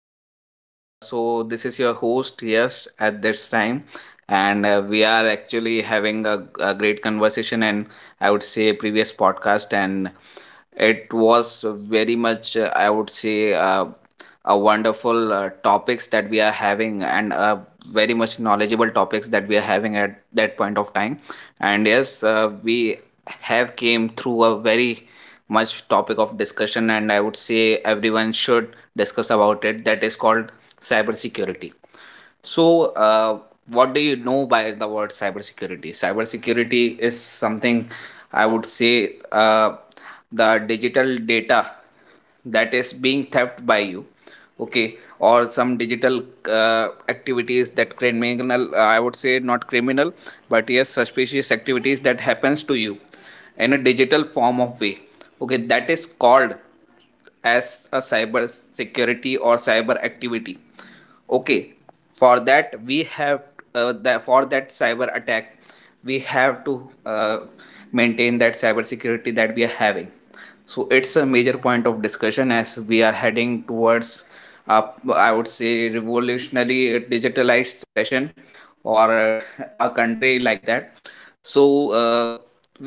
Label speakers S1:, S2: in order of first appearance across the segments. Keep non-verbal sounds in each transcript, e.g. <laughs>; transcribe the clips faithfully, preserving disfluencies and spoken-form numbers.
S1: everyone. S- Uh, so, this is your host, yes, at this time. And uh, we are actually having a, a great conversation and I would say previous podcast. And it was very much, uh, I would say, uh, a wonderful uh, topics that we are having, and uh, very much knowledgeable topics that we are having at that point of time. And yes, uh, we have came through a very much topic of discussion, and I would say everyone should discuss about it. That is called cybersecurity. So, uh, what do you know by the word cybersecurity? Cybersecurity is something I would say, uh, the digital data that is being theft by you, okay, or some digital uh, activities that criminal, uh, I would say not criminal, but yes, suspicious activities that happens to you in a digital form of way. Okay, that is called as a cyber security or cyber activity. Okay, for that we have, uh, the for that cyber attack we have to uh, maintain that cyber security that we are having. So it's a major point of discussion as we are heading towards, uh, I would say, revolutionary digitalized session, or uh, a country like that. So uh,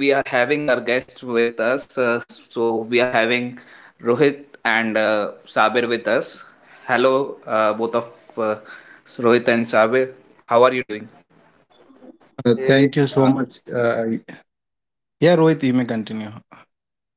S1: we are having our guests with us, uh, so we are having Rohit and uh, Sabir with us. Hello, uh, both of, uh, Rohit and Sabir, how are you doing?
S2: Uh, Thank
S3: Hey,
S2: you so much. Uh, yeah, Rohit, you may continue.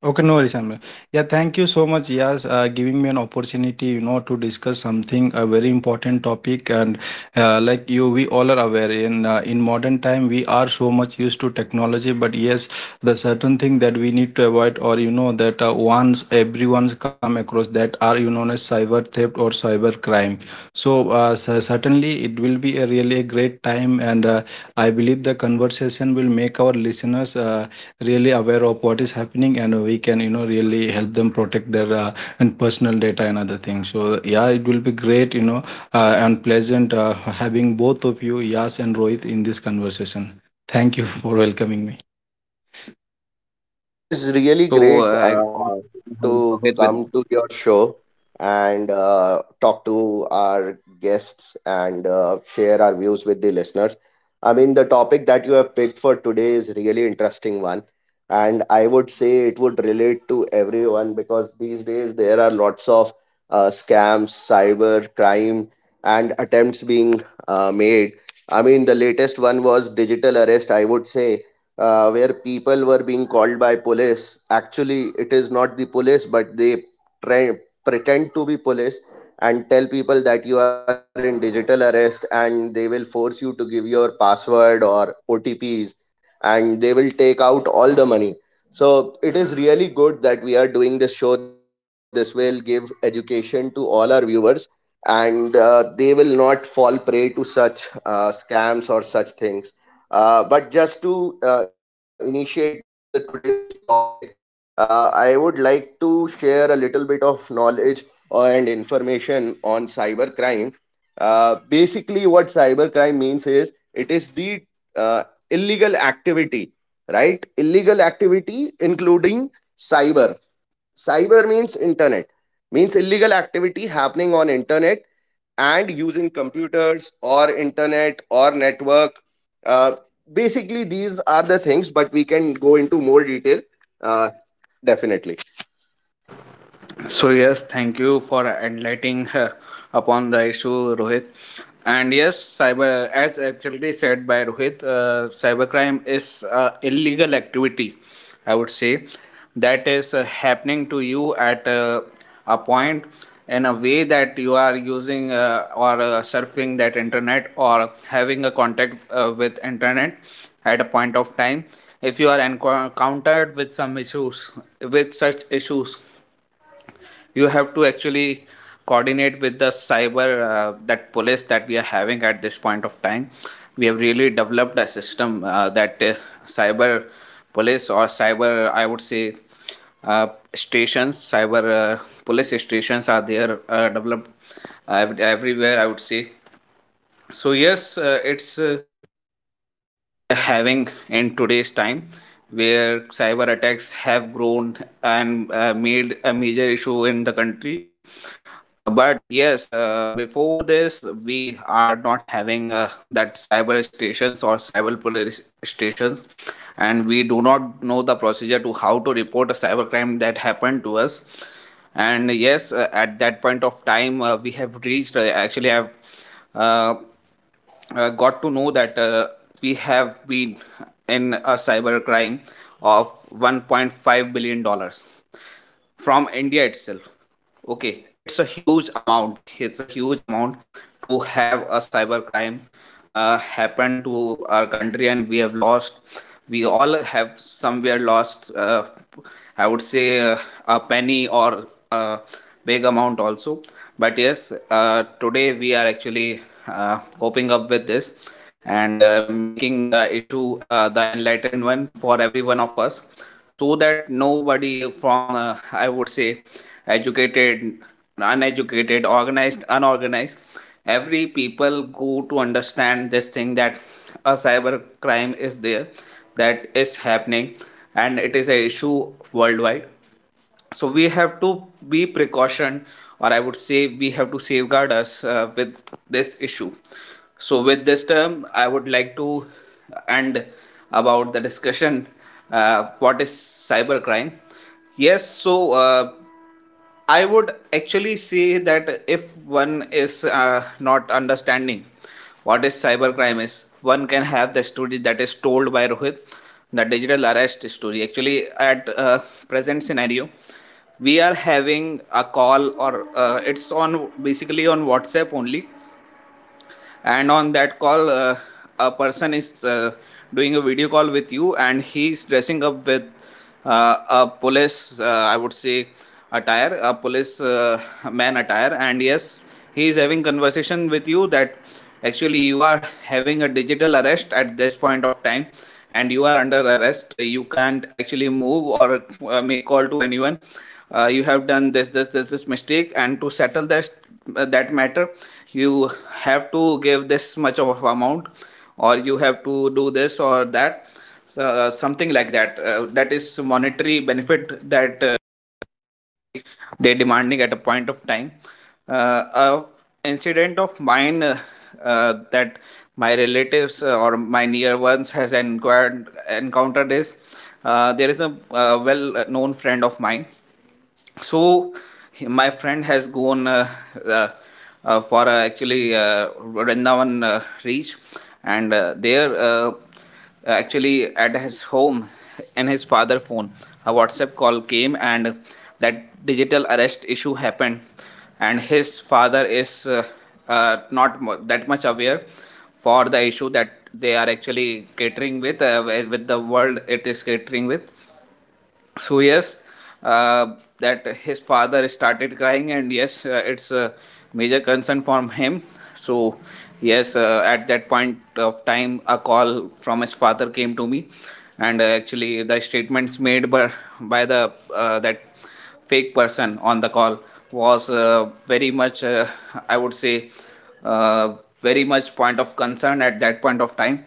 S2: Okay, no worries, Amir. Yeah, thank you so much, Yas, uh, giving me an opportunity, you know, to discuss something a very important topic. And uh, Like you, we all are aware in uh, in modern time we are so much used to technology, but yes, the certain thing that we need to avoid, or you know, that uh, once everyone's come across that are you know as cyber theft or cyber crime. So uh, cer- certainly it will be a really a great time, and uh, I believe the conversation will make our listeners. Uh, really aware of what is happening, and we can you know really help them protect their uh, and personal data and other things. So yeah, it will be great, you know uh, and pleasant, uh, having both of you, Yas and Rohit, in this conversation. Thank you for welcoming me.
S3: it is really
S1: So uh,
S3: great
S1: I also
S3: uh,
S1: have
S3: to
S1: Rohit with.
S3: come to your show and uh, talk to our guests and uh, share our views with the listeners. I mean, the topic that you have picked for today is really interesting one, and I would say it would relate to everyone because these days there are lots of uh, scams, cyber crime, and attempts being uh, made. I mean, the latest one was digital arrest. I would say uh, where people were being called by police. Actually, it is not the police, but they try, pretend to be police and tell people that you are in digital arrest, and they will force you to give your password or O T Ps, and they will take out all the money. So, it is really good that we are doing this show. This will give education to all our viewers, and uh, they will not fall prey to such uh, scams or such things. Uh, but just to uh, initiate the today's topic, uh, I would like to share a little bit of knowledge and information on cybercrime. Uh, basically, what cybercrime means is it is the uh, illegal activity, right? Illegal activity including cyber. Cyber means internet, means illegal activity happening on internet and using computers or internet or network. Uh, basically, these are the things, but we can go into more detail, uh, definitely.
S1: So yes, thank you for enlightening, uh, upon the issue, Rohit. And yes, cyber, as actually said by Rohit, uh, cybercrime is uh, illegal activity. I would say that is uh, happening to you at uh, a point, in a way that you are using, uh, or uh, surfing that internet, or having a contact uh, with internet at a point of time. If you are encountered with some issues, with such issues you have to actually coordinate with the cyber, uh, that police that we are having at this point of time. We have really developed a system, uh, that, uh, cyber police, or cyber, I would say, uh, stations, cyber uh, police stations are there, uh, developed ev- everywhere, I would say. So yes, uh, it's uh, having in today's time where cyber attacks have grown and uh, made a major issue in the country. Uh, but yes, uh, before this, we are not having uh, that cyber stations or cyber police stations, and we do not know the procedure to how to report a cyber crime that happened to us. And yes, uh, at that point of time, uh, we have reached. Uh, actually, I've uh, uh, got to know that, uh, we have been in a cyber crime of one point five billion dollars from India itself. Okay, it's a huge amount. It's a huge amount to have a cyber crime uh, happen to our country, and we have lost. We all have somewhere lost. Uh, I would say, uh, a penny, or a big amount also. But yes, uh, today we are actually uh, coping up with this, and uh, making the issue, uh, the enlightened one for every one of us, so that nobody from, uh, I would say, educated, uneducated, organized, unorganized, every people go to understand this thing, that a cyber crime is there, that is happening, and it is a issue worldwide. So we have to be precaution, or I would say we have to safeguard us uh, with this issue. So with this term I would like to end about the discussion, uh, what is cybercrime. Yes, so uh, I would actually say that if one is uh, not understanding what is cybercrime is, one can have the story that is told by Rohit, the digital arrest story. Actually, at uh, present scenario, we are having a call, or uh, it's on, basically, on WhatsApp only. And on that call, uh, a person is uh, doing a video call with you, and he is dressing up with uh, a police, uh, I would say, attire, a police uh, man attire. And yes, he is having conversation with you that actually you are having a digital arrest at this point of time, and you are under arrest. Uh, you can't actually move or uh, make call to anyone. Uh, you have done this this this this mistake, and to settle this, uh, that matter, you have to give this much of amount, or you have to do this or that. So, uh, something like that, uh, that is monetary benefit that uh, they demanding at a point of time. Uh, a incident of mine, uh, uh, that my relatives, uh, or my near ones has enquired encountered is, uh, there is a, uh, well known friend of mine. So my friend has gone, uh, uh, uh, for, uh, actually uh, Vrindavan, uh, reach. And uh, there, uh, actually, at his home, in his father phone, a WhatsApp call came, and that digital arrest issue happened. And his father is, uh, uh, not mu- that much aware for the issue that they are actually catering with, uh, with the world it is catering with. So yes, uh, that his father started crying. And yes, uh, it's a major concern for him. So yes, uh, at that point of time, a call from his father came to me. And uh, actually the statements made by, by the, uh, that fake person on the call was uh, very much, uh, I would say, uh, very much point of concern at that point of time.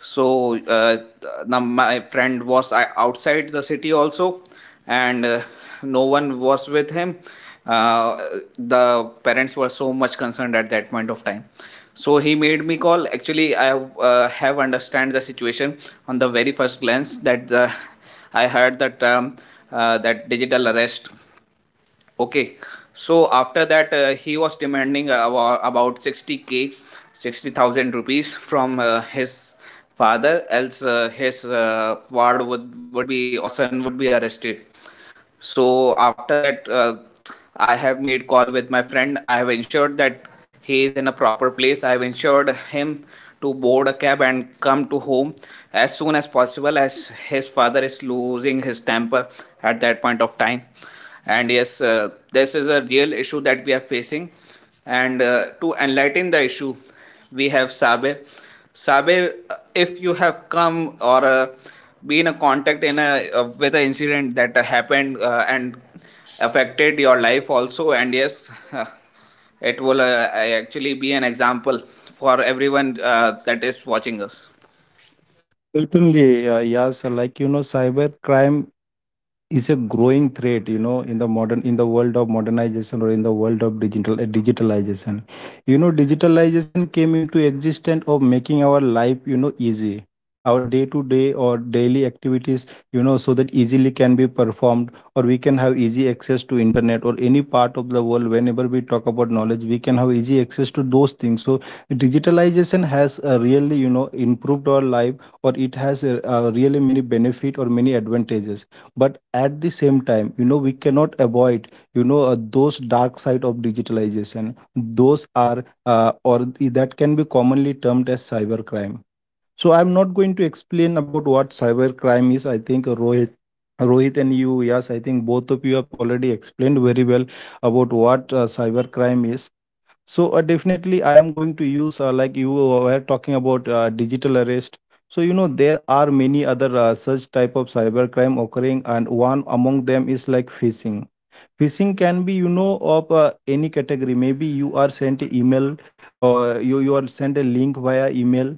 S1: So uh, now my friend was uh, outside the city also, and uh, no one was with him. Uh, the parents were so much concerned at that point of time. So he made me call. Actually, I uh, have understand the situation on the very first glance that the, I heard the term, uh, that digital arrest. Okay, so after that, uh, he was demanding about, about sixty k, sixty thousand rupees from uh, his father, else uh, his uh, ward would would be, or son would be arrested. So after that, uh, I have made call with my friend. I have ensured that he is in a proper place. I have ensured him to board a cab and come to home as soon as possible, as his father is losing his temper at that point of time. And yes, uh, this is a real issue that we are facing, and uh, to enlighten the issue, we have Sabir. Sabir, uh, if you have come, or uh, been a contact in a uh, with an incident that uh, happened, uh, and affected your life also, and yes, <laughs> it will uh, actually be an example for everyone uh, that is watching us.
S2: Certainly, uh, yes, like you know, cyber crime is a growing threat, you know in the modern in the world of modernization, or in the world of digital uh, digitalization. You know digitalization came into existence of making our life, you know easy. Our day to day or daily activities, you know so that easily can be performed, or we can have easy access to internet or any part of the world. Whenever we talk about knowledge, we can have easy access to those things. So digitalization has uh, really, you know improved our life, or it has uh, uh, really many benefit or many advantages. But at the same time, you know we cannot avoid, you know uh, those dark side of digitalization. Those are uh, or th- that can be commonly termed as cybercrime. So I'm not going to explain about what cybercrime is. I think uh, rohit Rohit and you, Yes, I think both of you have already explained very well about what uh, cybercrime is. So uh, definitely, I am going to use uh, like you were talking about uh, digital arrest. So you know there are many other uh, such type of cyber crime occurring, and one among them is like phishing. Phishing can be, you know of uh, any category. Maybe you are sent email, or you you are sent a link via email,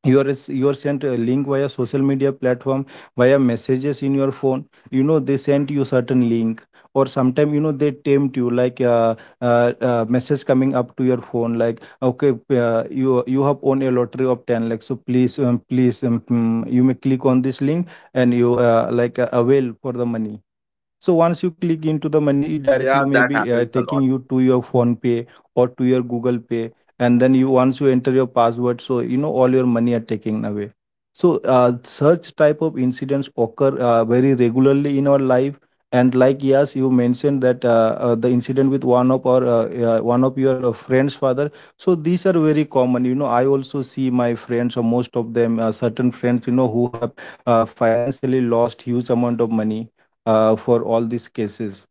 S2: you are s- you are sent a link via social media platform, via messages in your phone. You know, they sent you certain link, or sometimes, you know, they tempt you like uh, uh, uh, message coming up to your phone like, okay, p- uh, you you have won a lottery of ten, like, so please, um, please, um, mm, you may click on this link and you, uh, like uh, avail for the money. So once you click into the money, it directly may
S3: Yeah,
S2: be uh,
S3: that
S2: taking
S3: happens a
S2: you to
S3: lot.
S2: your phone pay or to your Google Pay. And then you, once you enter your password, so you know all your money are taken away. So uh, such type of incidents occur uh, very regularly in our life, and like yes, you mentioned that uh, uh, the incident with one of our uh, uh, one of your uh, friends' father. So these are very common. You know, I also see my friends, or most of them, uh, certain friends, you know, who have uh, financially lost huge amount of money uh, for all these cases.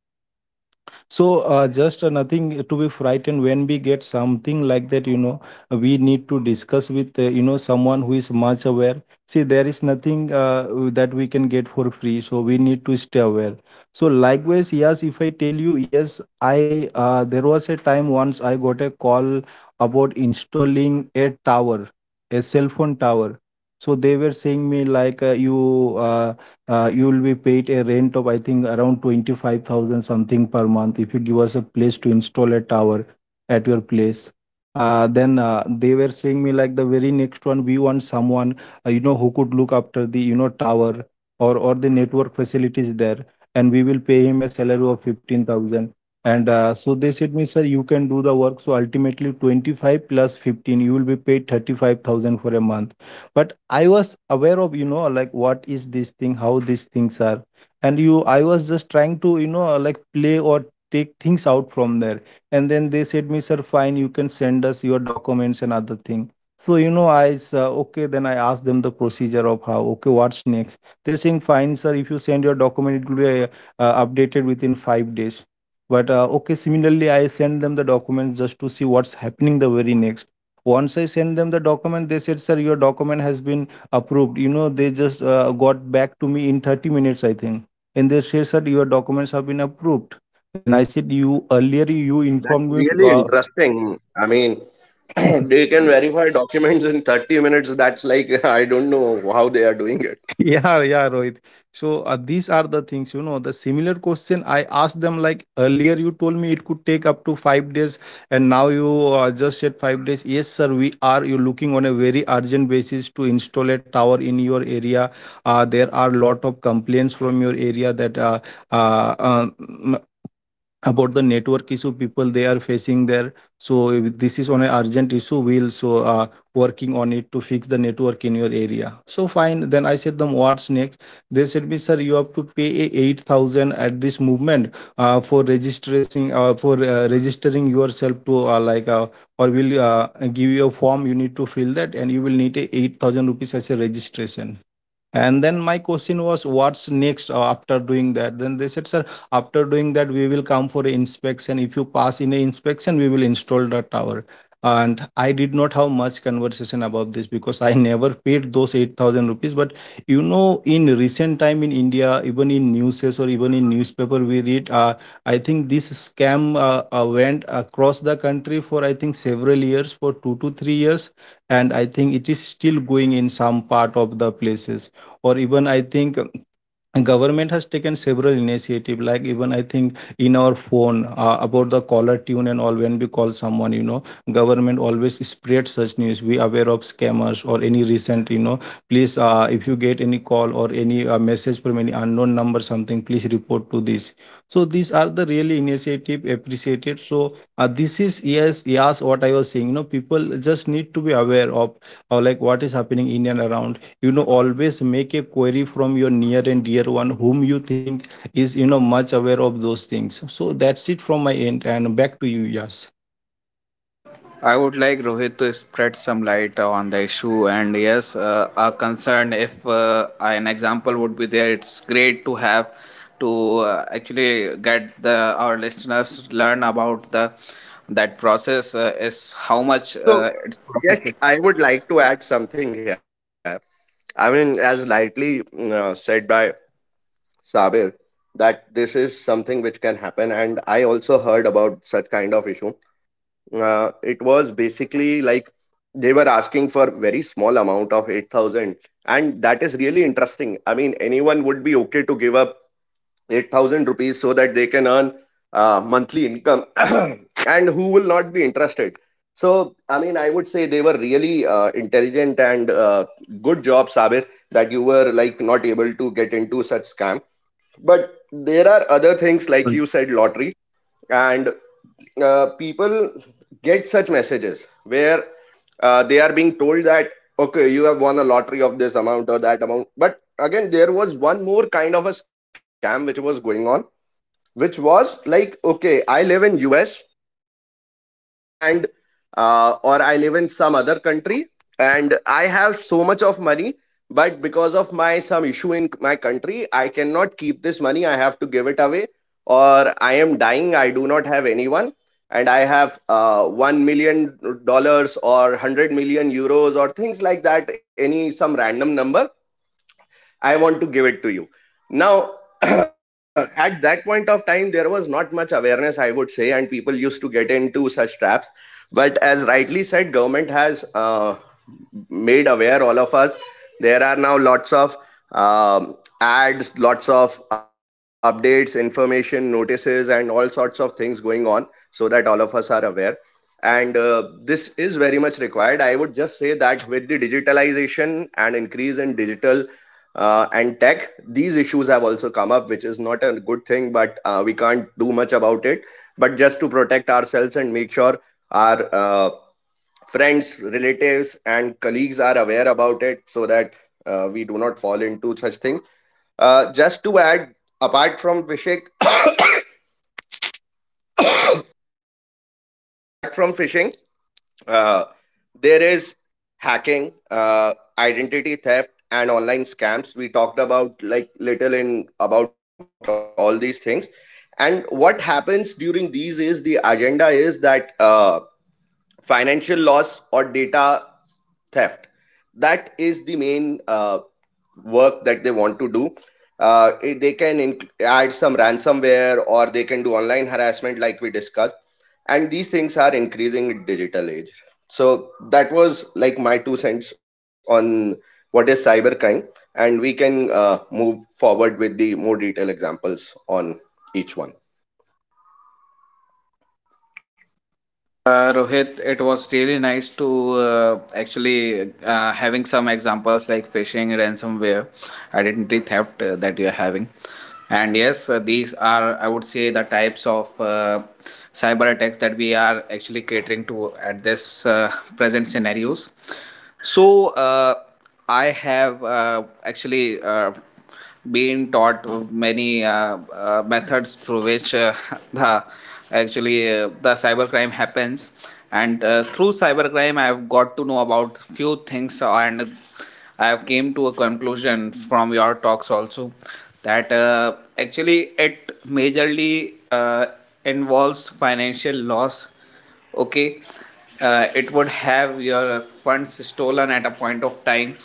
S2: So, uh, just uh, nothing to be frightened when we get something like that. You know, we need to discuss with, uh, you know, someone who is much aware. See, there is nothing uh, that we can get for free, so we need to stay aware. So, likewise, yes, if I tell you, yes, I uh, there was a time once I got a call about installing a tower, a cell phone tower. So, they were saying me, like, uh, you. Uh, uh, you will be paid a rent of, I think, around twenty-five thousand something per month if you give us a place to install a tower at your place. Uh, then uh, they were saying me like the very next one, we want someone, uh, you know who could look after the, you know, tower or or the network facilities there, and we will pay him a salary of fifteen thousand. And uh, so they said me, sir, you can do the work, so ultimately twenty-five plus fifteen you will be paid thirty-five thousand for a month. But I was aware of, you know, like what is this thing, how these things are, and you I was just trying to, you know, like play or take things out from there. And then they said me, sir, fine, you can send us your documents and other thing. So you know, I said okay, then I asked them the procedure of how, okay, what's next. They're saying, fine sir, if you send your document, it will be uh, uh, updated within five days. But uh, okay, similarly, I send them the documents just to see what's happening. The very next, once I sent them the document, they said, sir, your document has been approved. You know, they just uh, got back to me in thirty minutes, I think. And they said, sir, your documents have been approved. Then I said, you earlier you informed
S3: That's
S2: me
S3: really
S2: uh,
S3: interesting. I mean, <clears throat> they
S2: <laughs>
S3: can verify documents in thirty minutes. That's like, <laughs> I don't know how they are doing it.
S2: Yeah, yeah, Rohit. So uh, these are the things, you know, the similar question I asked them, like, earlier you told me it could take up to five days, and now you uh, just said five days. Yes sir, we are you looking on a very urgent basis to install a tower in your area. Uh, there are lot of complaints from your area that uh, uh, um, about the network issue people they are facing there, so if this is on an urgent issue we'll, so uh, working on it to fix the network in your area. So fine, then I said them, what's next. They said me, sir, you have to pay a eight thousand at this movement, uh, for registering uh, for uh, registering yourself to, uh, like uh, or will uh, give you a form, you need to fill that, and you will need a eight thousand rupees as a registration. And then my question was, what's next uh, after doing that? Then they said, sir, after doing that, we will come for inspection. If you pass in the inspection, we will install the tower. And I did not have much conversation about this because I never paid those eight thousand rupees. But you know, in recent time in India, even in newses or even in newspaper, we read, uh, I think this scam uh, uh, went across the country for, I think, several years, for two to three years. And I think it is still going in some part of the places. Or even I think, um, government has taken several initiative, like even, I think, in our phone uh, about the caller tune and all, when we call someone, you know, government always spread such news, we aware of scammers or any recent, you know, please, uh, if you get any call or any uh, message from any unknown number something, please report to this. So these are the really initiative appreciated. So uh, this is, yes yes, what I was saying, you know, people just need to be aware of uh, like what is happening in and around. You know, always make a query from your near and dear one whom you think is, you know, much aware of those things. So that's it from my end, and back to you, Yes.
S1: I would like Rohit to spread some light on the issue, and yes, uh, a concern, if uh, an example would be there, it's great to have, to uh, actually get the our listeners learn about the that process, uh, is how much
S3: So,
S1: uh,
S3: yes, I would like to add something here. I mean, as lightly mm, uh, said by Sabir, that this is something which can happen. And I also heard about such kind of issue. Uh, it was basically like they were asking for very small amount of eight thousand. And that is really interesting. I mean, anyone would be okay to give up eight thousand rupees so that they can earn uh, monthly income, <coughs> <clears throat> and who will not be interested. So, I mean, I would say they were really uh, intelligent, and uh, good job, Sabir, that you were like not able to get into such scam. But there are other things, like
S2: Right.
S3: you said, lottery, and uh, people get such messages where uh, they are being told that okay, you have won a lottery of this amount or that amount. But again, there was one more kind of a scam which was going on, which was like okay, I live in US, and uh, or I live in some other country, and I have so much of money, but because of my some issue in my country, I cannot keep this money, I have to give it away, or I am dying, I do not have anyone, and I have uh, one million dollars or one hundred million euros or things like that, any some random number. I want to give it to you. Now, <clears throat> at that point of time, there was not much awareness, I would say, and people used to get into such traps. But as rightly said, government has uh, made aware all of us. There are now lots of um, ads, lots of updates, information, notices, and all sorts of things going on, so that all of us are aware. And uh, this is much required. I would just say that with the digitalization and increase in digital uh, and tech, these issues have also come up, which is not a good thing, but uh, we can't do much about it. But just to protect ourselves and make sure our uh, friends, relatives, and colleagues are aware about it, so that uh, we do not fall into such things. Uh, just to add, apart from phishing, apart from phishing, uh, there is hacking, uh, identity theft, and online scams. We talked about like little in about all these things. And what happens during these is the agenda is that uh, financial loss or data theft, that is the main uh, work that they want to do. Uh, it- they can inc- add some ransomware, or they can do online harassment like we discussed, and these things are increasing in digital age. So that was like my two cents on what is cybercrime, and we can uh, move forward with the more detailed examples on each one.
S1: Uh, Rohit, it was really nice to, uh, actually, uh, having some examples like phishing, ransomware, identity theft, uh, that you're having. And yes, uh, these are, I would say, the types of uh, cyber attacks that we are actually catering to at this uh, present scenarios. So, uh, I have uh, actually uh, been taught many uh, uh, methods through which uh, <laughs> the actually, uh, the cybercrime happens. And uh, through cybercrime I have got to know about few things, and I have came to a conclusion from your talks also, that uh, actually it majorly uh, involves financial loss. Okay. Uh, it would have your funds stolen at a point of time.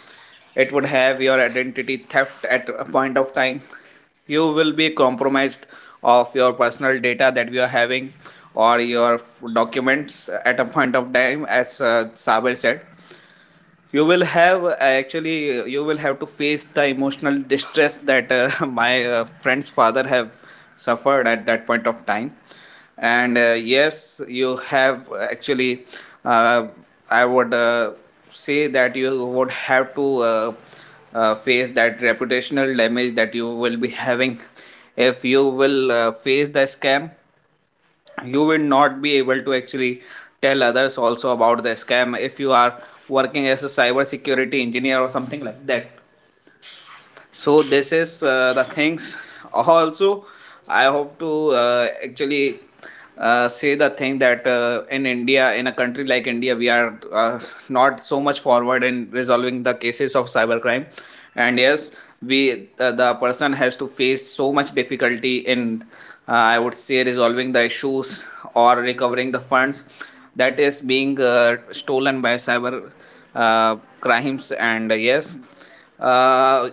S1: It would have your identity theft at a point of time. You will be compromised of your personal data that you are having or your documents at a point of time, as uh, Saber said you will have uh, actually uh, you will have to face the emotional distress that uh, <laughs> my uh, friend's father have suffered at that point of time, and uh, yes, you have actually, uh, I would uh, say that you would have to uh, uh, face that reputational damage that you will be having if you will uh, face the scam. You will not be able to actually tell others also about the scam if you are working as a cyber security engineer or something like that. So this is uh, the things also. I hope to uh, actually uh, say the thing that uh, in India, in a country like India, we are uh, not so much forward in resolving the cases of cybercrime, and yes, we, the, the person has to face so much difficulty in, uh, I would say, resolving the issues or recovering the funds that is being uh, stolen by cyber uh, crimes. And uh, yes, uh,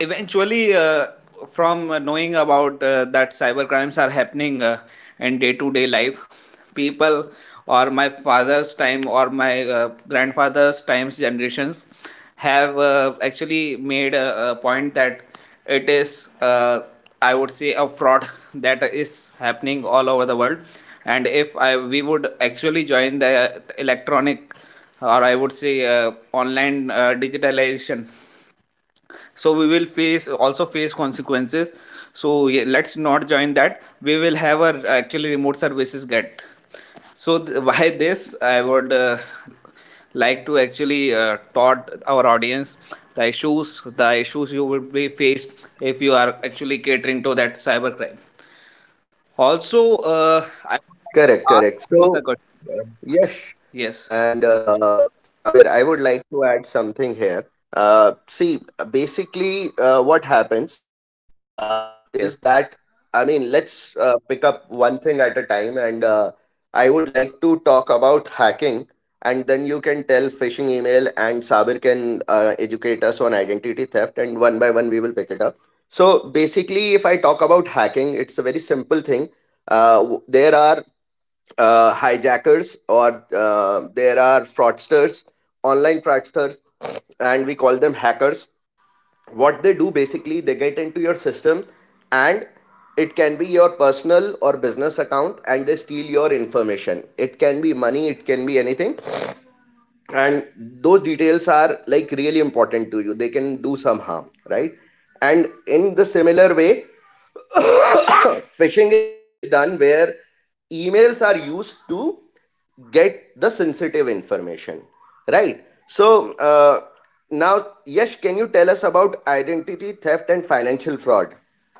S1: eventually, uh, from uh, knowing about uh, that cyber crimes are happening uh, in day to day life, people or my father's time or my uh, grandfather's times generations have uh, actually made a, a point that it is, uh, I would say, a fraud that is happening all over the world. And if I, we would actually join the electronic, or I would say uh, online uh, digitalization, so we will face, also face consequences. So yeah, let's not join that. We will have our actually remote services get. So th- <laughs> why this I would uh, like to actually uh, taught our audience the issues, the issues you would be faced if you are actually catering to that cybercrime. Also, uh, I would like to
S3: Correct,
S1: ask
S3: correct.
S1: Amit a
S3: So
S1: question.
S3: yes,
S1: Yes,
S3: and uh, Sabir, I would like to add something here. Uh, see, basically, uh, what
S1: yes.
S3: happens
S1: Yes.
S3: uh, is that, I mean, let's uh, pick up one thing at a time, and uh, I would like to talk about hacking, and then you can tell phishing email, and Sabir can uh, educate us on identity theft, and one by one we will pick it up. So basically, if I talk about hacking, simple thing. Uh, w- there are uh, hijackers, or uh, there are fraudsters, online fraudsters, and we call them hackers. What they do basically, they get into system, and it can be your personal or business account, and they steal your information. It can be money, it can be anything. And those details are like really important to you. They can do some harm, right? And in the similar way, phishing is done where emails are used to get the sensitive information, right? So uh, now, Yash, can you tell us about identity theft and financial fraud?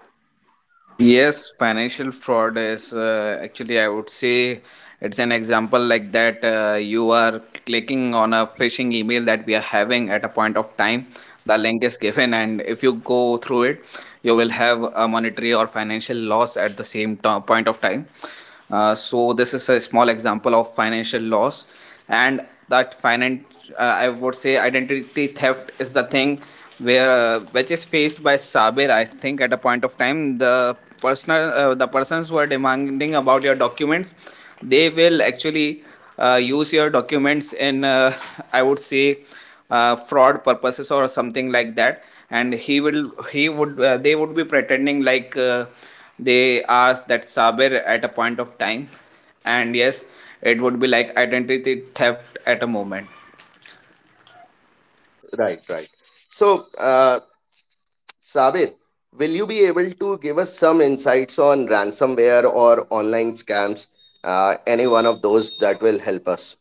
S1: Yes, financial fraud is, uh, actually, I would say, it's an example like that. Uh, you are clicking on a phishing email that we are having at a point of time. The link is given, and if you go through it, you will have a monetary or financial loss at the same to- point of time. Uh, so this is a small example of financial loss, and that finance, uh, I would say, identity theft is the thing where, uh, which is faced by Sabir. I think at a point of time the personal, uh, the persons who are demanding about your documents, they will actually uh, use your documents in, uh, I would say, uh, fraud purposes or something like that. And he will, he would, uh, they would be pretending like uh, they are that Saber at a point of time. And yes, it would be like identity theft at a moment.
S3: Right, right. So uh, Sabir, will you be able to give us some insights on ransomware or online scams? Uh, any one of those that will help us?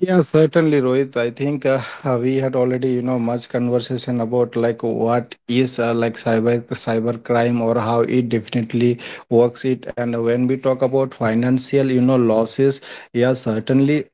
S2: Yeah, certainly, Rohit. I think uh, uh, we had already, you know, much conversation about like what is, uh, like cyber cyber crime, or how it definitely works it. And when we talk about financial, you know, losses, yeah, certainly,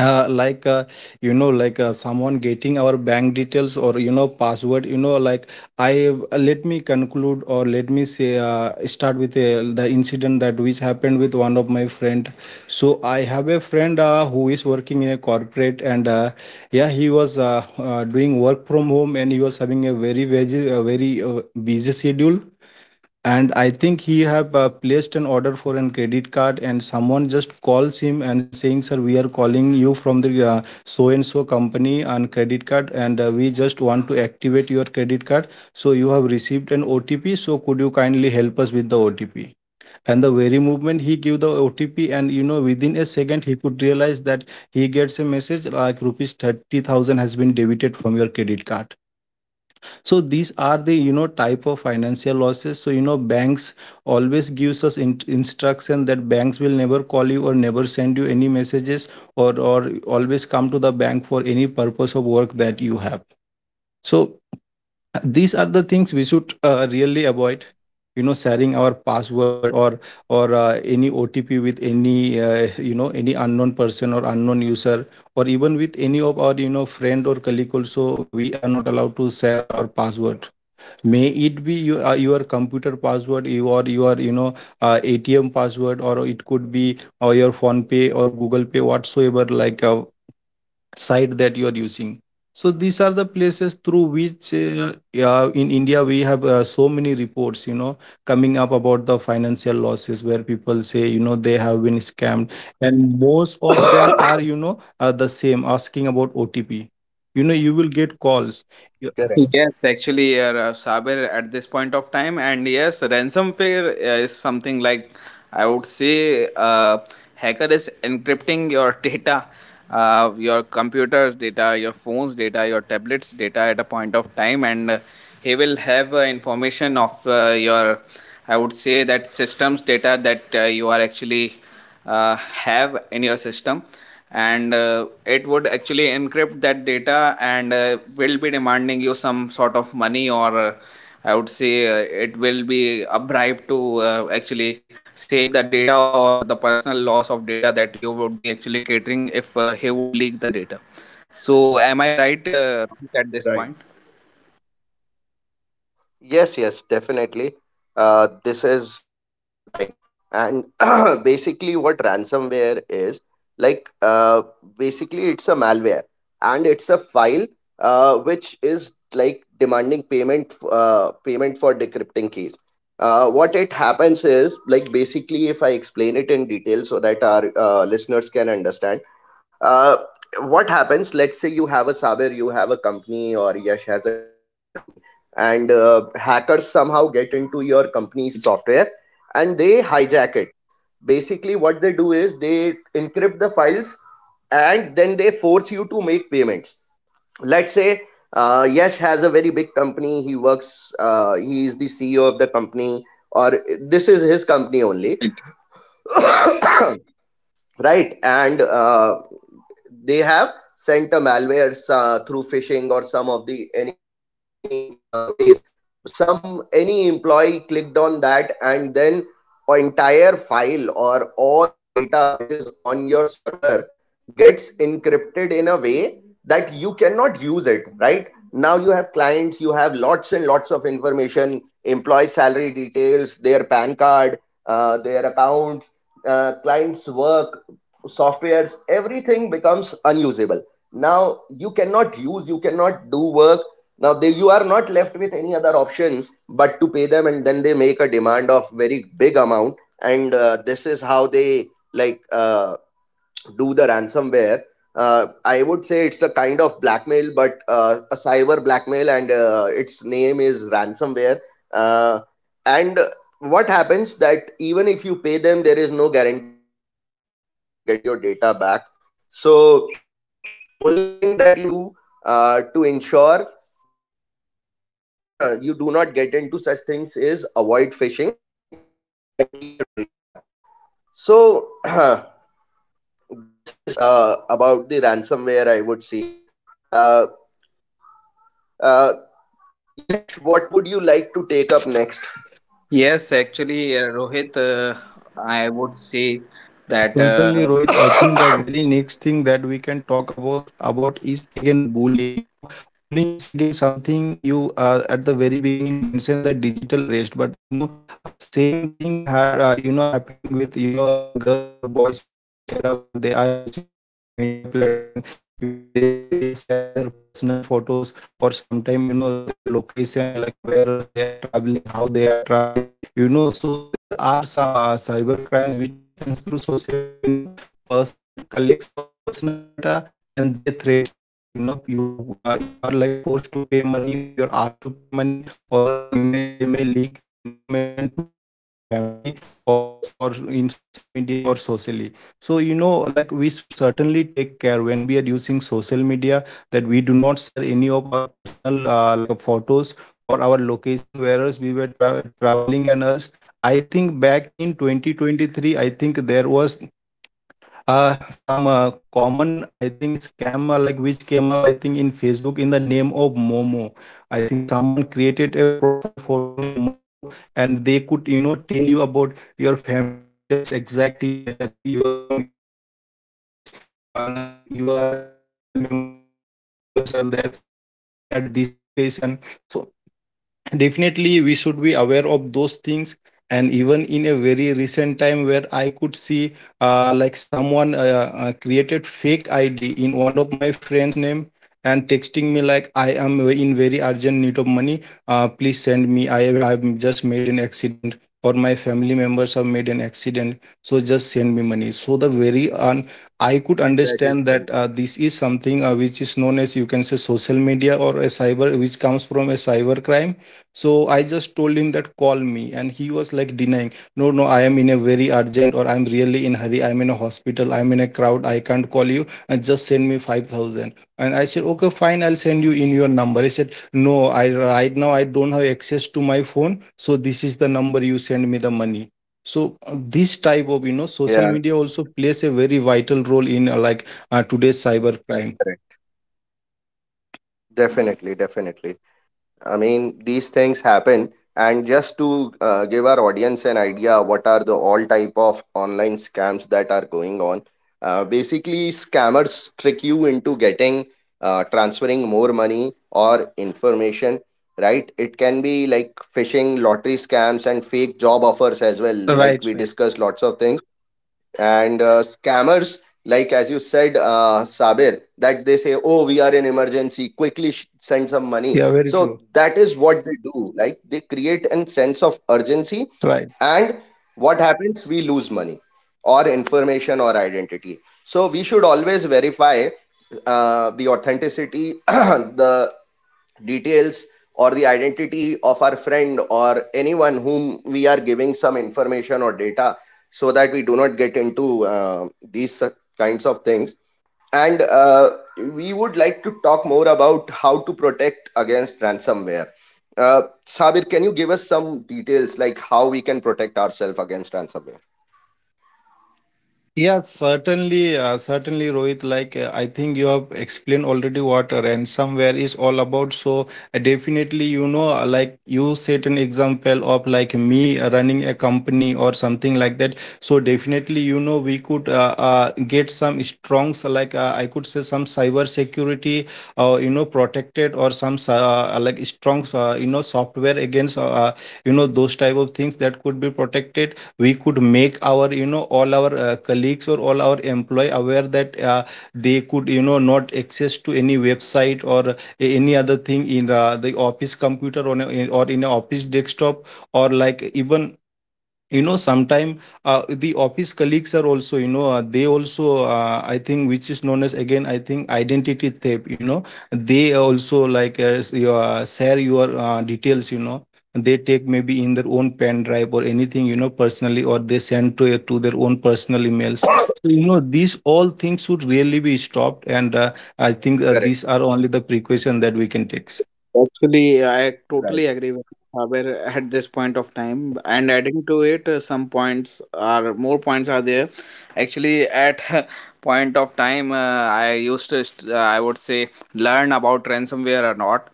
S2: uh, like uh, you know, like uh, someone getting our bank details or you know password you know like I uh, let me conclude, or let me say uh, start with uh, the incident that which happened with one of my friend. So I have a friend uh, who is working in a corporate and uh, yeah, he was uh, uh, doing work from home and he was having a very very uh, very uh, busy schedule. And I think he have uh, placed an order for an credit card, and someone just calls him and saying, sir, we are calling you from the uh, so and so company on credit card, and uh, we just want to activate your credit card. So you have received an otp, so could you kindly help us with the otp? And the very moment he give the otp, and you know, within a second he could realize that he gets a message like rupees thirty thousand has been debited from your credit card. So these are the, you know, type of financial losses. So you know, banks always gives us in- instruction that banks will never call you or never send you any messages, or or always come to the bank for any purpose of work that you have. So these are the things we should uh, really avoid, you know,
S3: Right.
S2: sharing our password or or uh, any otp with any uh, you know, any unknown person or unknown user, or even with any of our you know friend or colleague. Also, we are not allowed to share our password, may it be you, uh, your computer password you- or your you know uh, atm password, or it could be or your phone pay or google pay, whatsoever like a site that you are using. So these are the places through which uh, uh, in india we have uh, so many reports, you know, coming up about the financial losses, where people say you know they have been scammed. And most of them are you know uh, the same asking about otp, you know, you will get calls.
S3: Correct.
S1: Yes, actually, uh, Ra- Saber at this point of time, and yes, ransomware uh, is something like, I would say, uh, hacker is encrypting your <laughs> data, uh, your computer's data, your phone's data, your tablet's data at a point of time. And uh, he will have uh, information of uh, your, I would say, that system's data that uh, you are actually uh, have in your system. And uh, it would actually encrypt that data, and uh, will be demanding you some sort of money, or uh, I would say uh, it will be a bribe to uh, actually save the data or the personal loss of data that you would be actually catering if uh, he would leak the data. So am I right uh, at this point?
S3: Right. Yes, yes, definitely. Uh, this is right. And <clears throat> basically, what ransomware is, like, uh, basically, it's a malware, and it's a file uh, which is demanding payment, f- uh, payment for decrypting keys. Uh, what it happens is like basically, if I explain it in detail so that our uh, listeners can understand, uh, what happens? Let's say you have a Saber, you have a company, or Yash has a company, and uh, hackers somehow get into your company's software and they hijack it. Basically, what they do is they encrypt the files, and then they force you to make payments. Let's say uh, Yash has a very big company. He works, uh, he is the C E O of the company, or this is his company only, right? And uh, they have sent a malware uh, through phishing or some of the any uh, ways. Some any employee clicked on that, and then an entire file or all the data which is on your server gets encrypted in a way that you cannot use it. Right now you have clients, you have lots and lots of information, employee salary details, their pan card, uh, their accounts, uh, softwares, everything becomes unusable. Now you cannot use, you cannot do work. Now they, you are not left with any other option but to pay them, and then make a demand of very big amount. And uh, this is how they, like, uh, do the ransomware. uh, I would say it's a kind of blackmail, but uh, a cyber blackmail, and uh, its name is ransomware. uh, and what happens, that even if you pay them, there is no guarantee that you will be able to get your data back. So only thing that you can do uh, to ensure that, uh, <clears throat> you do not get into such things, is avoid phishing and keep your data backup. So <clears throat> this is uh, about the ransomware, I would see. uh, uh, Yash, what would you like to take up next?
S1: Yes, actually, uh, Rohit, uh, I would say
S2: Yeah,
S1: that uh,
S2: certainly, Rohit. I think the very next thing that we can talk about about is again bullying. You know, bullying is again something you uh, at the very beginning mentioned the digital arrest, but you know, uh, same thing had uh, you know happening with you know the girls or boys in common era where they are using social media platform. You know, they may share their personal photos, or sometime you know their location, like where else they are traveling, how they are traveling. You know, so there are some uh, cyber crimes which happens through social media. You know, person collects our personal data and they threaten us. You know, you uh, you are like forced to pay money, or you're asked to pay money, or else you may they may leak your information to maybe your family or us, or in social media or socially. So you know, like we should certainly take care when we are using social media, that we do not share any of our personal uh, like uh, photos or our location where else we were tra- traveling and else. I think back in twenty twenty-three, I think there was uh, some uh, common, I think, scam uh, like which came up, I think, in facebook, in the name of momo. I think someone created a profile photo named momo, and they could you know tell you about your family details exactly, that uh, they, you are from, you belong to this place, you are, and you are uh, in your family members this many peoples are there, and you are at this location. So definitely we should be aware of those things. And even in a very recent time, where I could see uh, like someone uh, uh, created fake id in one of my friends name and texting me like I am in very urgent need of money, uh, please send me, i I've just made an accident, or my family members have made an accident, so just send me money. So the very un- I could
S3: That
S2: understand
S3: is
S2: that
S3: true.
S2: uh, this is something uh, which is known as, you can say, social media or a cyber which comes from a cyber crime. So I just told him that call me, and he was like denying, no, no, I am in a very urgent, or I'm really in hurry. I'm in a hospital. I'm in a crowd. I can't call you. And just send me five thousand. And I said, okay, fine. I'll send you in your number. He said, no, I right now I don't have access to my phone. So this is the number you send me the money. So uh, this type of you know social
S3: Yeah,
S2: media also plays a very vital role in uh, like uh, today's cyber crime.
S3: correct. Definitely, definitely. I mean, these things happen. And just to uh, give our audience an idea, what are the all type of online scams that are going on? Uh, basically, scammers trick you into getting, uh, transferring more money or information, right? It can be like phishing, lottery scams, and fake job offers as well. Like
S2: Right,
S3: we
S2: right.
S3: discussed, lots of things. And uh, scammers, like as you said, uh, Sabir, that they say oh, we are in emergency, quickly sh- send some money,
S2: Yeah, very
S3: so
S2: true.
S3: that is what they do, like they create a sense of urgency.
S2: Right.
S3: And what happens, we lose money or information or identity, so we should always verify uh, the authenticity <clears throat> details or the identity of our friend or anyone whom we are giving some information or data, so that we do not get into uh, these uh, kinds of things. And uh, we like to talk more about how to protect against ransomware. Uh, sabir, can you give us some details, like how we can protect ourselves against ransomware?
S2: Yeah, certainly, uh, certainly, Rohit. Like, uh, I think you have explained already what a ransomware is all about. So, uh, definitely, you know, uh, like you set an example of like me uh, running a company or something like that. So, definitely, you know, we could uh, uh, get some strongs, like uh, I could say some cyber security, uh, you know, protected or some s- uh, like strongs, uh, you know, software against, uh, uh, you know, those type of things that could be protected. We could make our you know all our uh, colleagues or all our employee aware that uh, they could you know not access to any website or uh, any other thing in the, the office computer, or in- or in a office desktop, or like even you know sometime uh, the office colleagues are also you know uh, they also uh, I think which is known as again, I think, identity theft. You know, they also like uh, s- your, uh, share your uh, details. You know, they take maybe in their own pen drive or anything, you know, personally, or they send to to their own personal
S3: <coughs>
S2: emails. So you know these all things should really be stopped. And uh, I think uh,
S3: Correct.
S2: these are only the precaution that we can take.
S1: actually, I totally
S3: Right.
S1: agree with Saber at this point of time. And adding to it, uh, some points are, more points are there. Actually, at <laughs> point of time, uh, I used to, st- uh, I would say, learn about ransomware or not.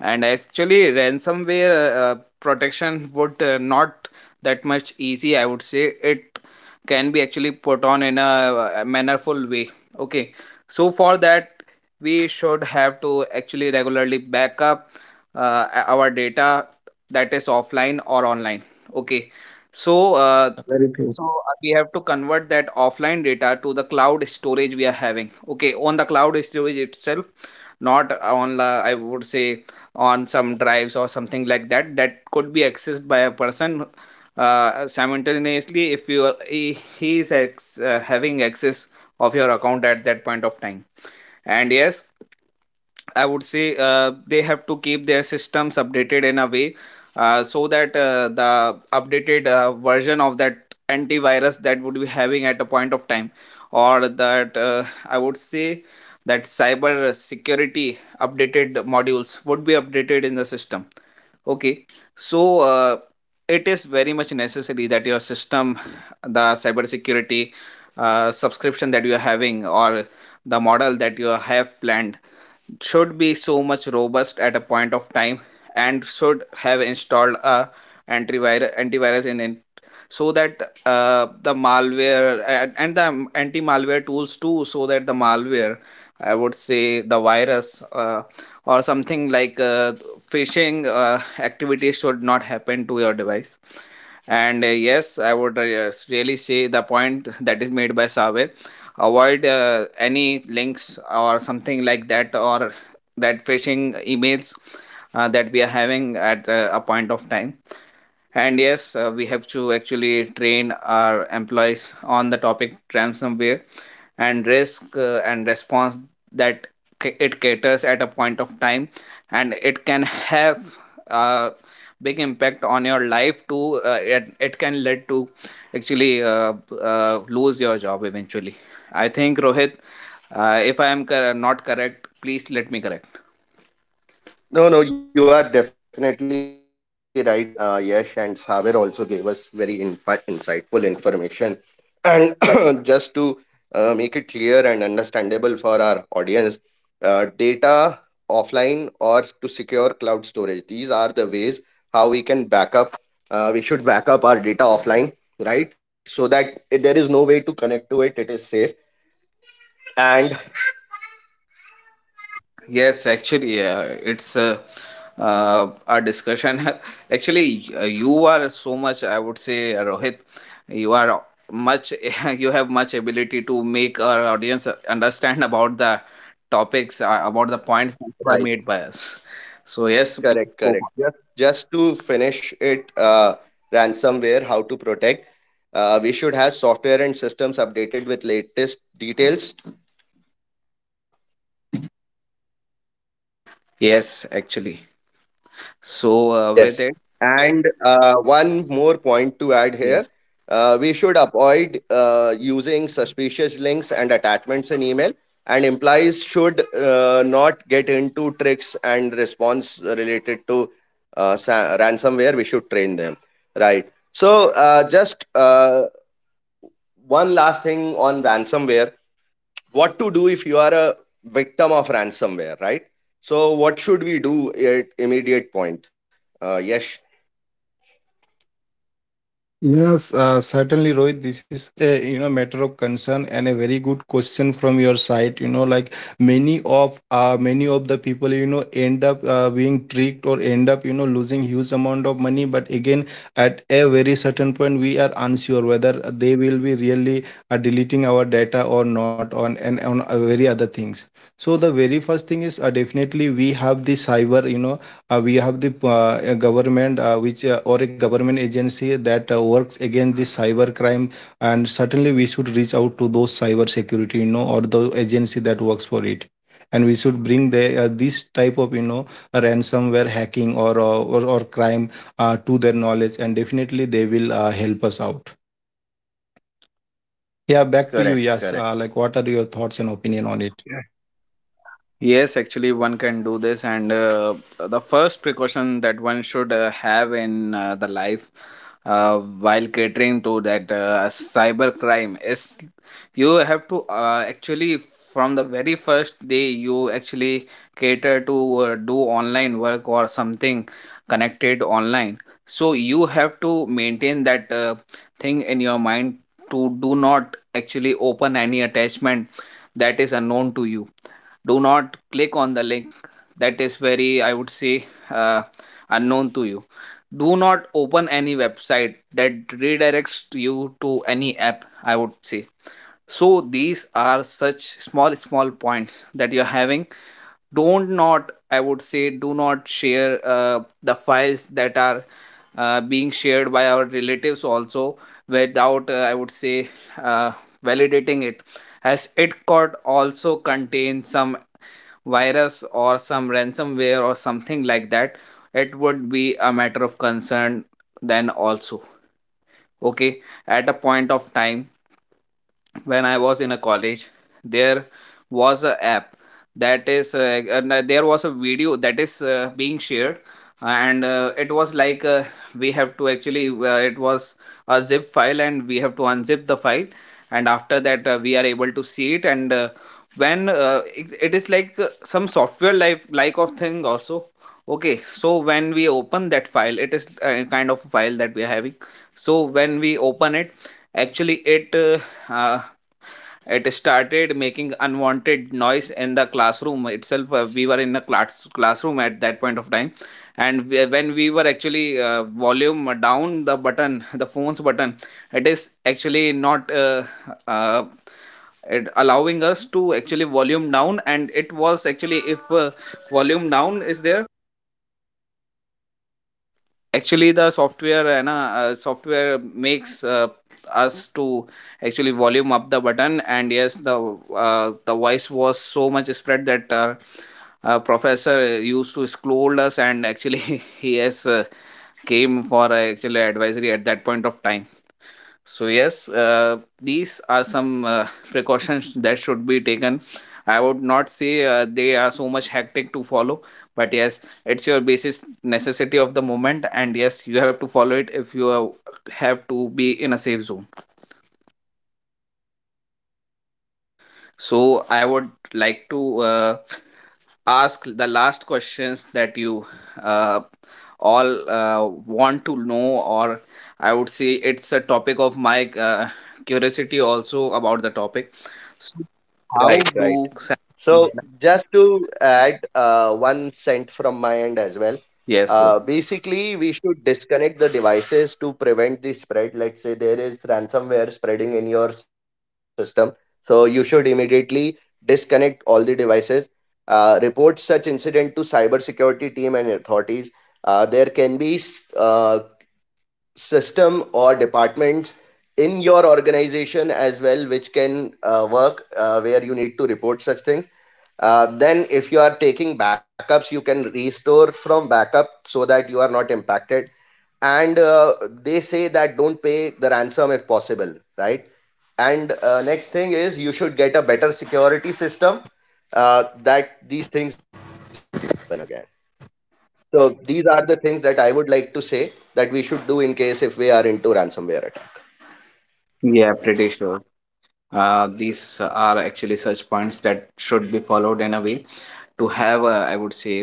S1: And actually, ransomware uh, uh, protection would uh, not that much easy. I would say it can be actually put on in a uh, mannerful way. Okay, so for that, we should have to actually regularly back up uh, our data, that is offline or online. Okay, so uh,
S2: Very true.
S1: so uh, we have to convert that offline data to the cloud storage we are having, okay, on the cloud storage itself, not on the, I would say, on some drives or something like that, that could be accessed by a person uh, simultaneously if you, he, he is ex, uh, having access of your account at that point of time. And yes, I would say uh, they have to keep their systems updated in a way uh, so that uh, the updated uh, version of that antivirus that would be having at a point of time, or that, uh, I would say, that cyber security updated modules would be updated in the system. Okay, so uh, it is very much necessary that your system, the cyber security uh, subscription that you are having, or the model that you have planned, should be so much robust at a point of time, and should have installed a antivirus antivirus in it, so that uh, the malware, and, and the anti malware tools too, so that the malware, I would say, the virus, uh, or something like uh, phishing uh, activities should not happen to your device. And uh, yes, I would, uh, yes, really say the point <laughs> that is made by Saber. Avoid uh, any links or something like that, or that phishing emails uh, that we are having at uh, a point of time. And yes, uh, we have to actually train our employees on the topic ransomware and risk uh, and response that ca- it caters at a point of time, and it can have a big impact on your life too. uh, it, it can lead to actually uh, uh, lose your job eventually. I think, Rohit, uh, if I am cor- not correct, please let me correct.
S3: No, no, you are definitely right, uh, Yash, and Saber also gave us very in- insightful information. And <coughs> <clears throat> just to uh, make it clear and understandable for our audience, uh, data offline or to secure cloud storage, these are the ways how we can back up. Uh, we should back up our data offline, right? So that there is no way to connect to it, it is safe. And
S1: Yes, actually, uh, it's a, uh, a discussion. <laughs> actually, y- uh, you are so much, I would say, Rohit, you are much, <laughs> you have much ability to make our audience uh, understand about the topics, uh, about the points that were made by us. So, yes, please
S3: correct,
S1: go
S3: correct.
S1: on.
S3: Just just to finish it, uh, ransomware, how to protect. Uh, we should have software and systems updated with latest details.
S1: Yes, actually. So, uh, with
S3: Yes.
S1: it,
S3: And uh, one more point to add here.
S1: yes.
S3: Uh, we should avoid uh, using suspicious links and attachments in email, and employees should uh, not get into tricks and response related to uh, sa- ransomware. We should train them, right? So, uh, just uh, one last thing on ransomware, what to do if you are a victim of ransomware, right? So what should we do at immediate point? uh, yes.
S2: Yes, uh, certainly, Rohit. This is a you know matter of concern and a very good question from your side. You know, like many of uh, many of the people you know end up uh, being tricked or end up you know losing huge amount of money. But again, at a very certain point we are unsure whether they will be really uh, deleting our data or not, on and on uh, very other things. So the very first thing is, uh, definitely we have the cyber, you know, uh, we have the uh, government uh, which uh, or a government agency that uh, works against the cyber crime. And certainly we should reach out to those cyber security, you know, or the agency that works for it. And we should bring the uh, this type of you know ransomware hacking, or, uh, or or crime uh, to their knowledge, and definitely they will uh, help us out. Yeah, back to you,
S3: Correct,
S2: yes.
S3: correct.
S2: Uh, like, what are your thoughts and opinion on it?
S1: Yes, actually, one can do this, and uh, the first precaution that one should uh, have in uh, the life uh, while catering to that uh, cyber crime is you have to uh, actually, from the very first day you actually cater to uh, do online work or something connected online. So you have to maintain that uh, thing in your mind to do not actually open any attachment that is unknown to you, do not click on the link that is very, I would say, uh, unknown to you, do not open any website that redirects you to any app, I would say. So these are such small small points that you're having. Don't, not, I would say, do not share uh, the files that are uh, being shared by our relatives also without, uh, I would say, uh, validating it, as it could also contain some virus or some ransomware or something like that. It would be a matter of concern then also. Okay, at a point of time when I was in a college, there was a app that is uh, and, uh, there was a video that is uh, being shared, and uh, it was like uh, we have to actually, uh, it was a zip file and we have to unzip the file, and after that uh, we are able to see it. And Uh, when uh, it, it is like uh, some software like like of thing also. Okay, so when we open that file, it is a kind of a file that we are having. So when we open it, actually it, uh, uh, it started making unwanted noise in the classroom itself. uh, we were in a class classroom at that point of time, and we, when we were actually uh, volume down the button, <laughs> the phone's button, it is actually not uh, uh, it allowing us to actually volume down. And it was actually, if uh, volume down is there, actually, the software है ना अ, software makes uh, us to actually volume up the button. And yes, the uh, the voice was so much spread that uh, uh, professor used to scold us, and actually <laughs> he has uh, came for uh, actually advisory at that point of time. So yes, uh, these are some uh, <laughs> precautions that should be taken. I would not say uh, they are so much hectic to follow, but yes, it's your basis necessity of the moment, and yes, you have to follow it if you are, have to be in a safe zone. So I would like to, Uh, ask the last questions that you uh, all uh, want to know, or I would say it's a topic of my uh, curiosity also about the topic. So
S3: Right,
S1: how
S3: right.
S1: do
S3: So
S1: <laughs>
S3: just to add uh, one cent from my end as well.
S1: yes,
S3: Uh,
S1: yes.
S3: basically, we should disconnect the devices to prevent the spread. Let's say there is ransomware spreading in your system, so you should immediately disconnect all the devices. Uh, report such incident to cybersecurity team and authorities. Uh, there can be s- uh, system or departments in your organization as well, which can uh, work uh, where you need to report such things. Uh, then if you are taking backups, you can restore from backup so that you are not impacted, and uh, they say that don't pay ransom if possible, right? And uh, next thing is you should get a better security system, uh, that these things don't happen again. So these are the things that I would like to say that we should do in case if we are into ransomware attack.
S1: Yeah, pretty sure uh, these are actually such points that should be followed in a way to have a, I would say,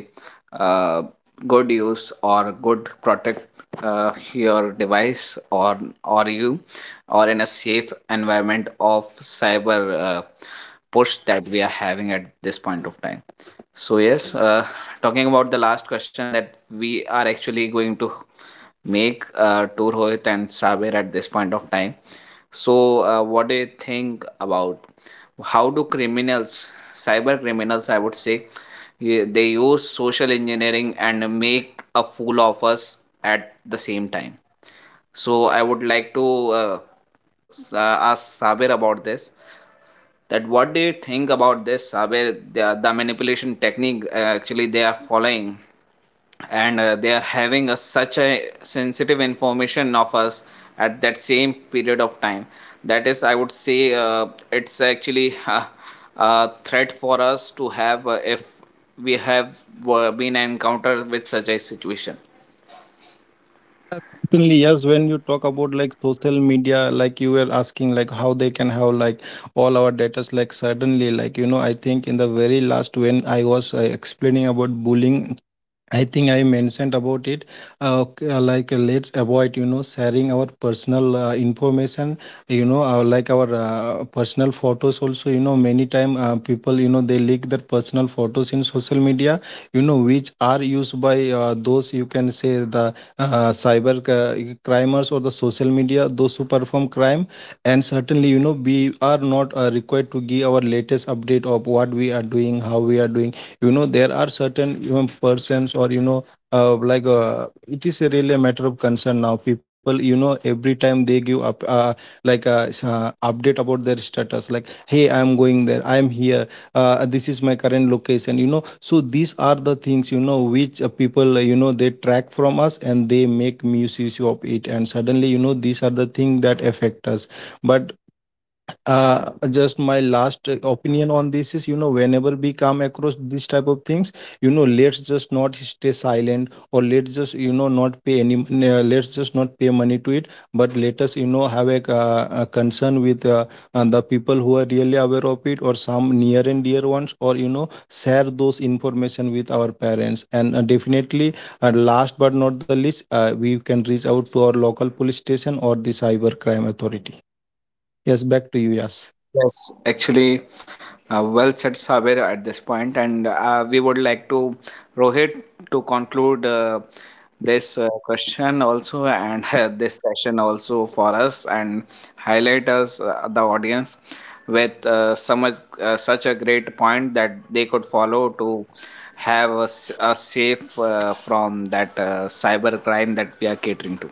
S1: uh, good use or good protect uh, your device, or or you, or in a safe environment of cyber uh, push that we are having at this point of time. So yes, uh, talking about the last question that we are actually going to make uh, to Rohit and Saber at this point of time. So uh, what do you think about, how do criminals, cyber criminals, I would say, yeah, they use social engineering and make a fool of us at the same time. So I would like to uh, uh, ask Sabir about this, that what do you think about this, Sabir, the, the manipulation technique uh, actually they are following, and uh, they are having a, such a sensitive information of us at that same period of time. That is, I would say, uh, it's actually <laughs> a, a threat for us to have uh, if we have uh, been encountered with such a situation.
S2: Certainly, yes. When you talk about like social media, like you were asking, like how they can have like all our data, like suddenly, like you know, I think in the very last when I was uh, explaining about bullying, I think I mentioned about it. Uh, ok- uh, like uh, let's avoid, you know, sharing our personal uh, information. You know, our like our uh, personal photos also. You know, many time uh, people you know they leak their personal photos in social media, you know, which are used by uh, those, you can say, the uh, cyber c- crimers or the social media those who perform crime. And certainly you know we are not uh, required to give our latest update of what we are doing, how we are doing. You know, there are certain, you know, persons or you know uh, like uh, it is a really a matter of concern now. People, you know, every time they give up uh, like a uh, update about their status, like, hey, I am going there, I am here, uh, this is my current location. You know, so these are the things, you know, which uh, people uh, you know they track from us and they make misuse of it, and suddenly you know these are the things that affect us. But uh just my last opinion on this is, you know, whenever we come across this type of things, you know, let's just not stay silent, or let's just you know not pay any uh, let's just not pay money to it. But let us you know have a, uh, a concern with uh, uh, the people who are really aware of it, or some near and dear ones, or you know share those information with our parents. And uh, definitely uh, last but not the least, uh, we can reach out to our local police station or the cyber crime authority. Yes, back to you, yes.
S1: Yes, actually, uh, well said, Saber, at this point, and uh, we would like to Rohit to conclude uh, this uh, question also, and <laughs> uh, this session also for us, and highlight us uh, the audience with uh, so much, uh, such a great point that they could follow to have us a safe uh, from that uh, cyber crime that we are catering to.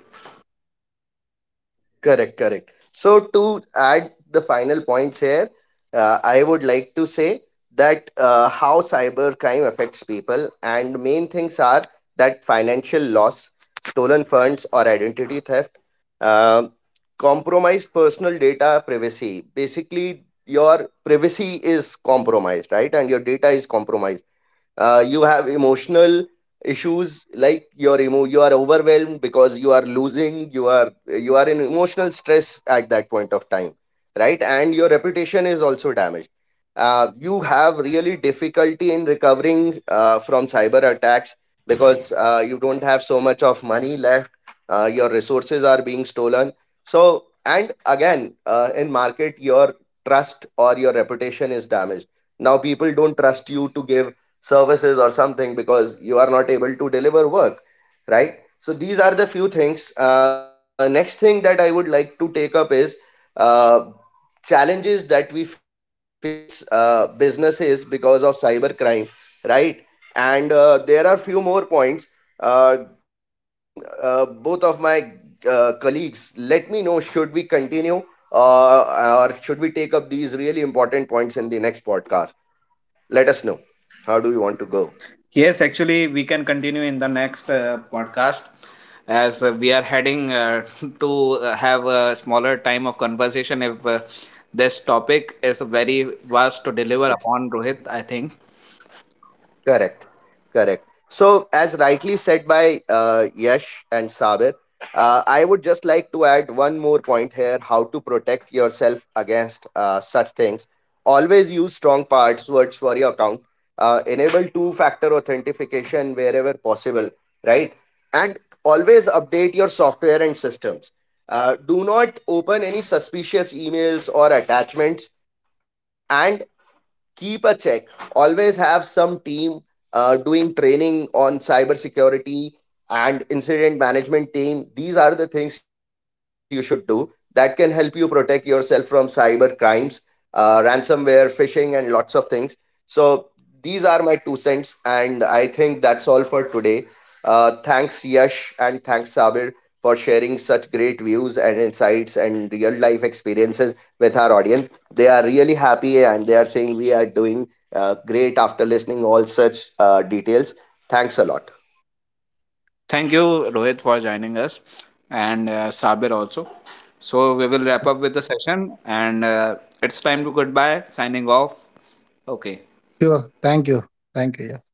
S3: Correct, correct. So, to add the final points here, uh, I would like to say that uh, how cybercrime affects people, and main things are that financial loss, stolen funds, or identity theft, uh, compromised personal data privacy. Basically, your privacy is compromised, right? And your data is compromised. Uh, you have emotional issues like your emo you are overwhelmed because you are losing, you are, you are in emotional stress at that point of time, right? And your reputation is also damaged. Uh, you have really difficulty in recovering uh, from cyber attacks, because uh, you don't have so much of left. Uh, your resources are being stolen. So, and again, uh, in market your trust or your reputation is damaged. Now people don't trust you to give services or something because you are not able to deliver work, right? So these are the few things. Uh, next thing that I would like to take up is uh, challenges that we face, uh, businesses, because of cyber crime, right? And uh, there are few more points. Uh, team uh, both of my uh, colleagues, let me know, should we continue, uh, or should we take up these really important points in the next podcast? Let us know how do we want to go.
S1: Yes, actually, we can continue in the next uh, podcast, as uh, we are heading uh, <laughs> to uh, have a smaller time of conversation if uh, this topic is very vast to deliver upon, Rohit, I think.
S3: Correct, correct. So, as rightly said by uh, Yash and Sabir, uh, I would just like to add one more point here, how to protect yourself against uh, such things. Always use strong passwords for your account. Uh, enable two factor authentication wherever possible, right? And always update your software and systems. Uh, do not open any suspicious emails or attachments, and keep a check. Always have some team uh, doing training on cybersecurity and incident management team. These are the things you should do that can help you protect yourself from cyber crimes, uh, ransomware, phishing, and lots of things. So these are my two cents, and I think that's all for today. Uh, thanks, Yash, and thanks, Sabir, for sharing such great views, insights, and real life experiences with our audience. They are really happy and they are saying we are doing uh, great after listening all such uh, details. Thanks a lot.
S1: Thank you, Rohit, for joining us, and uh, Sabir also. So, we will wrap up with the session, and uh, it's time to goodbye, signing off. Okay.
S2: Sure. Thank you. Thank you. Yeah.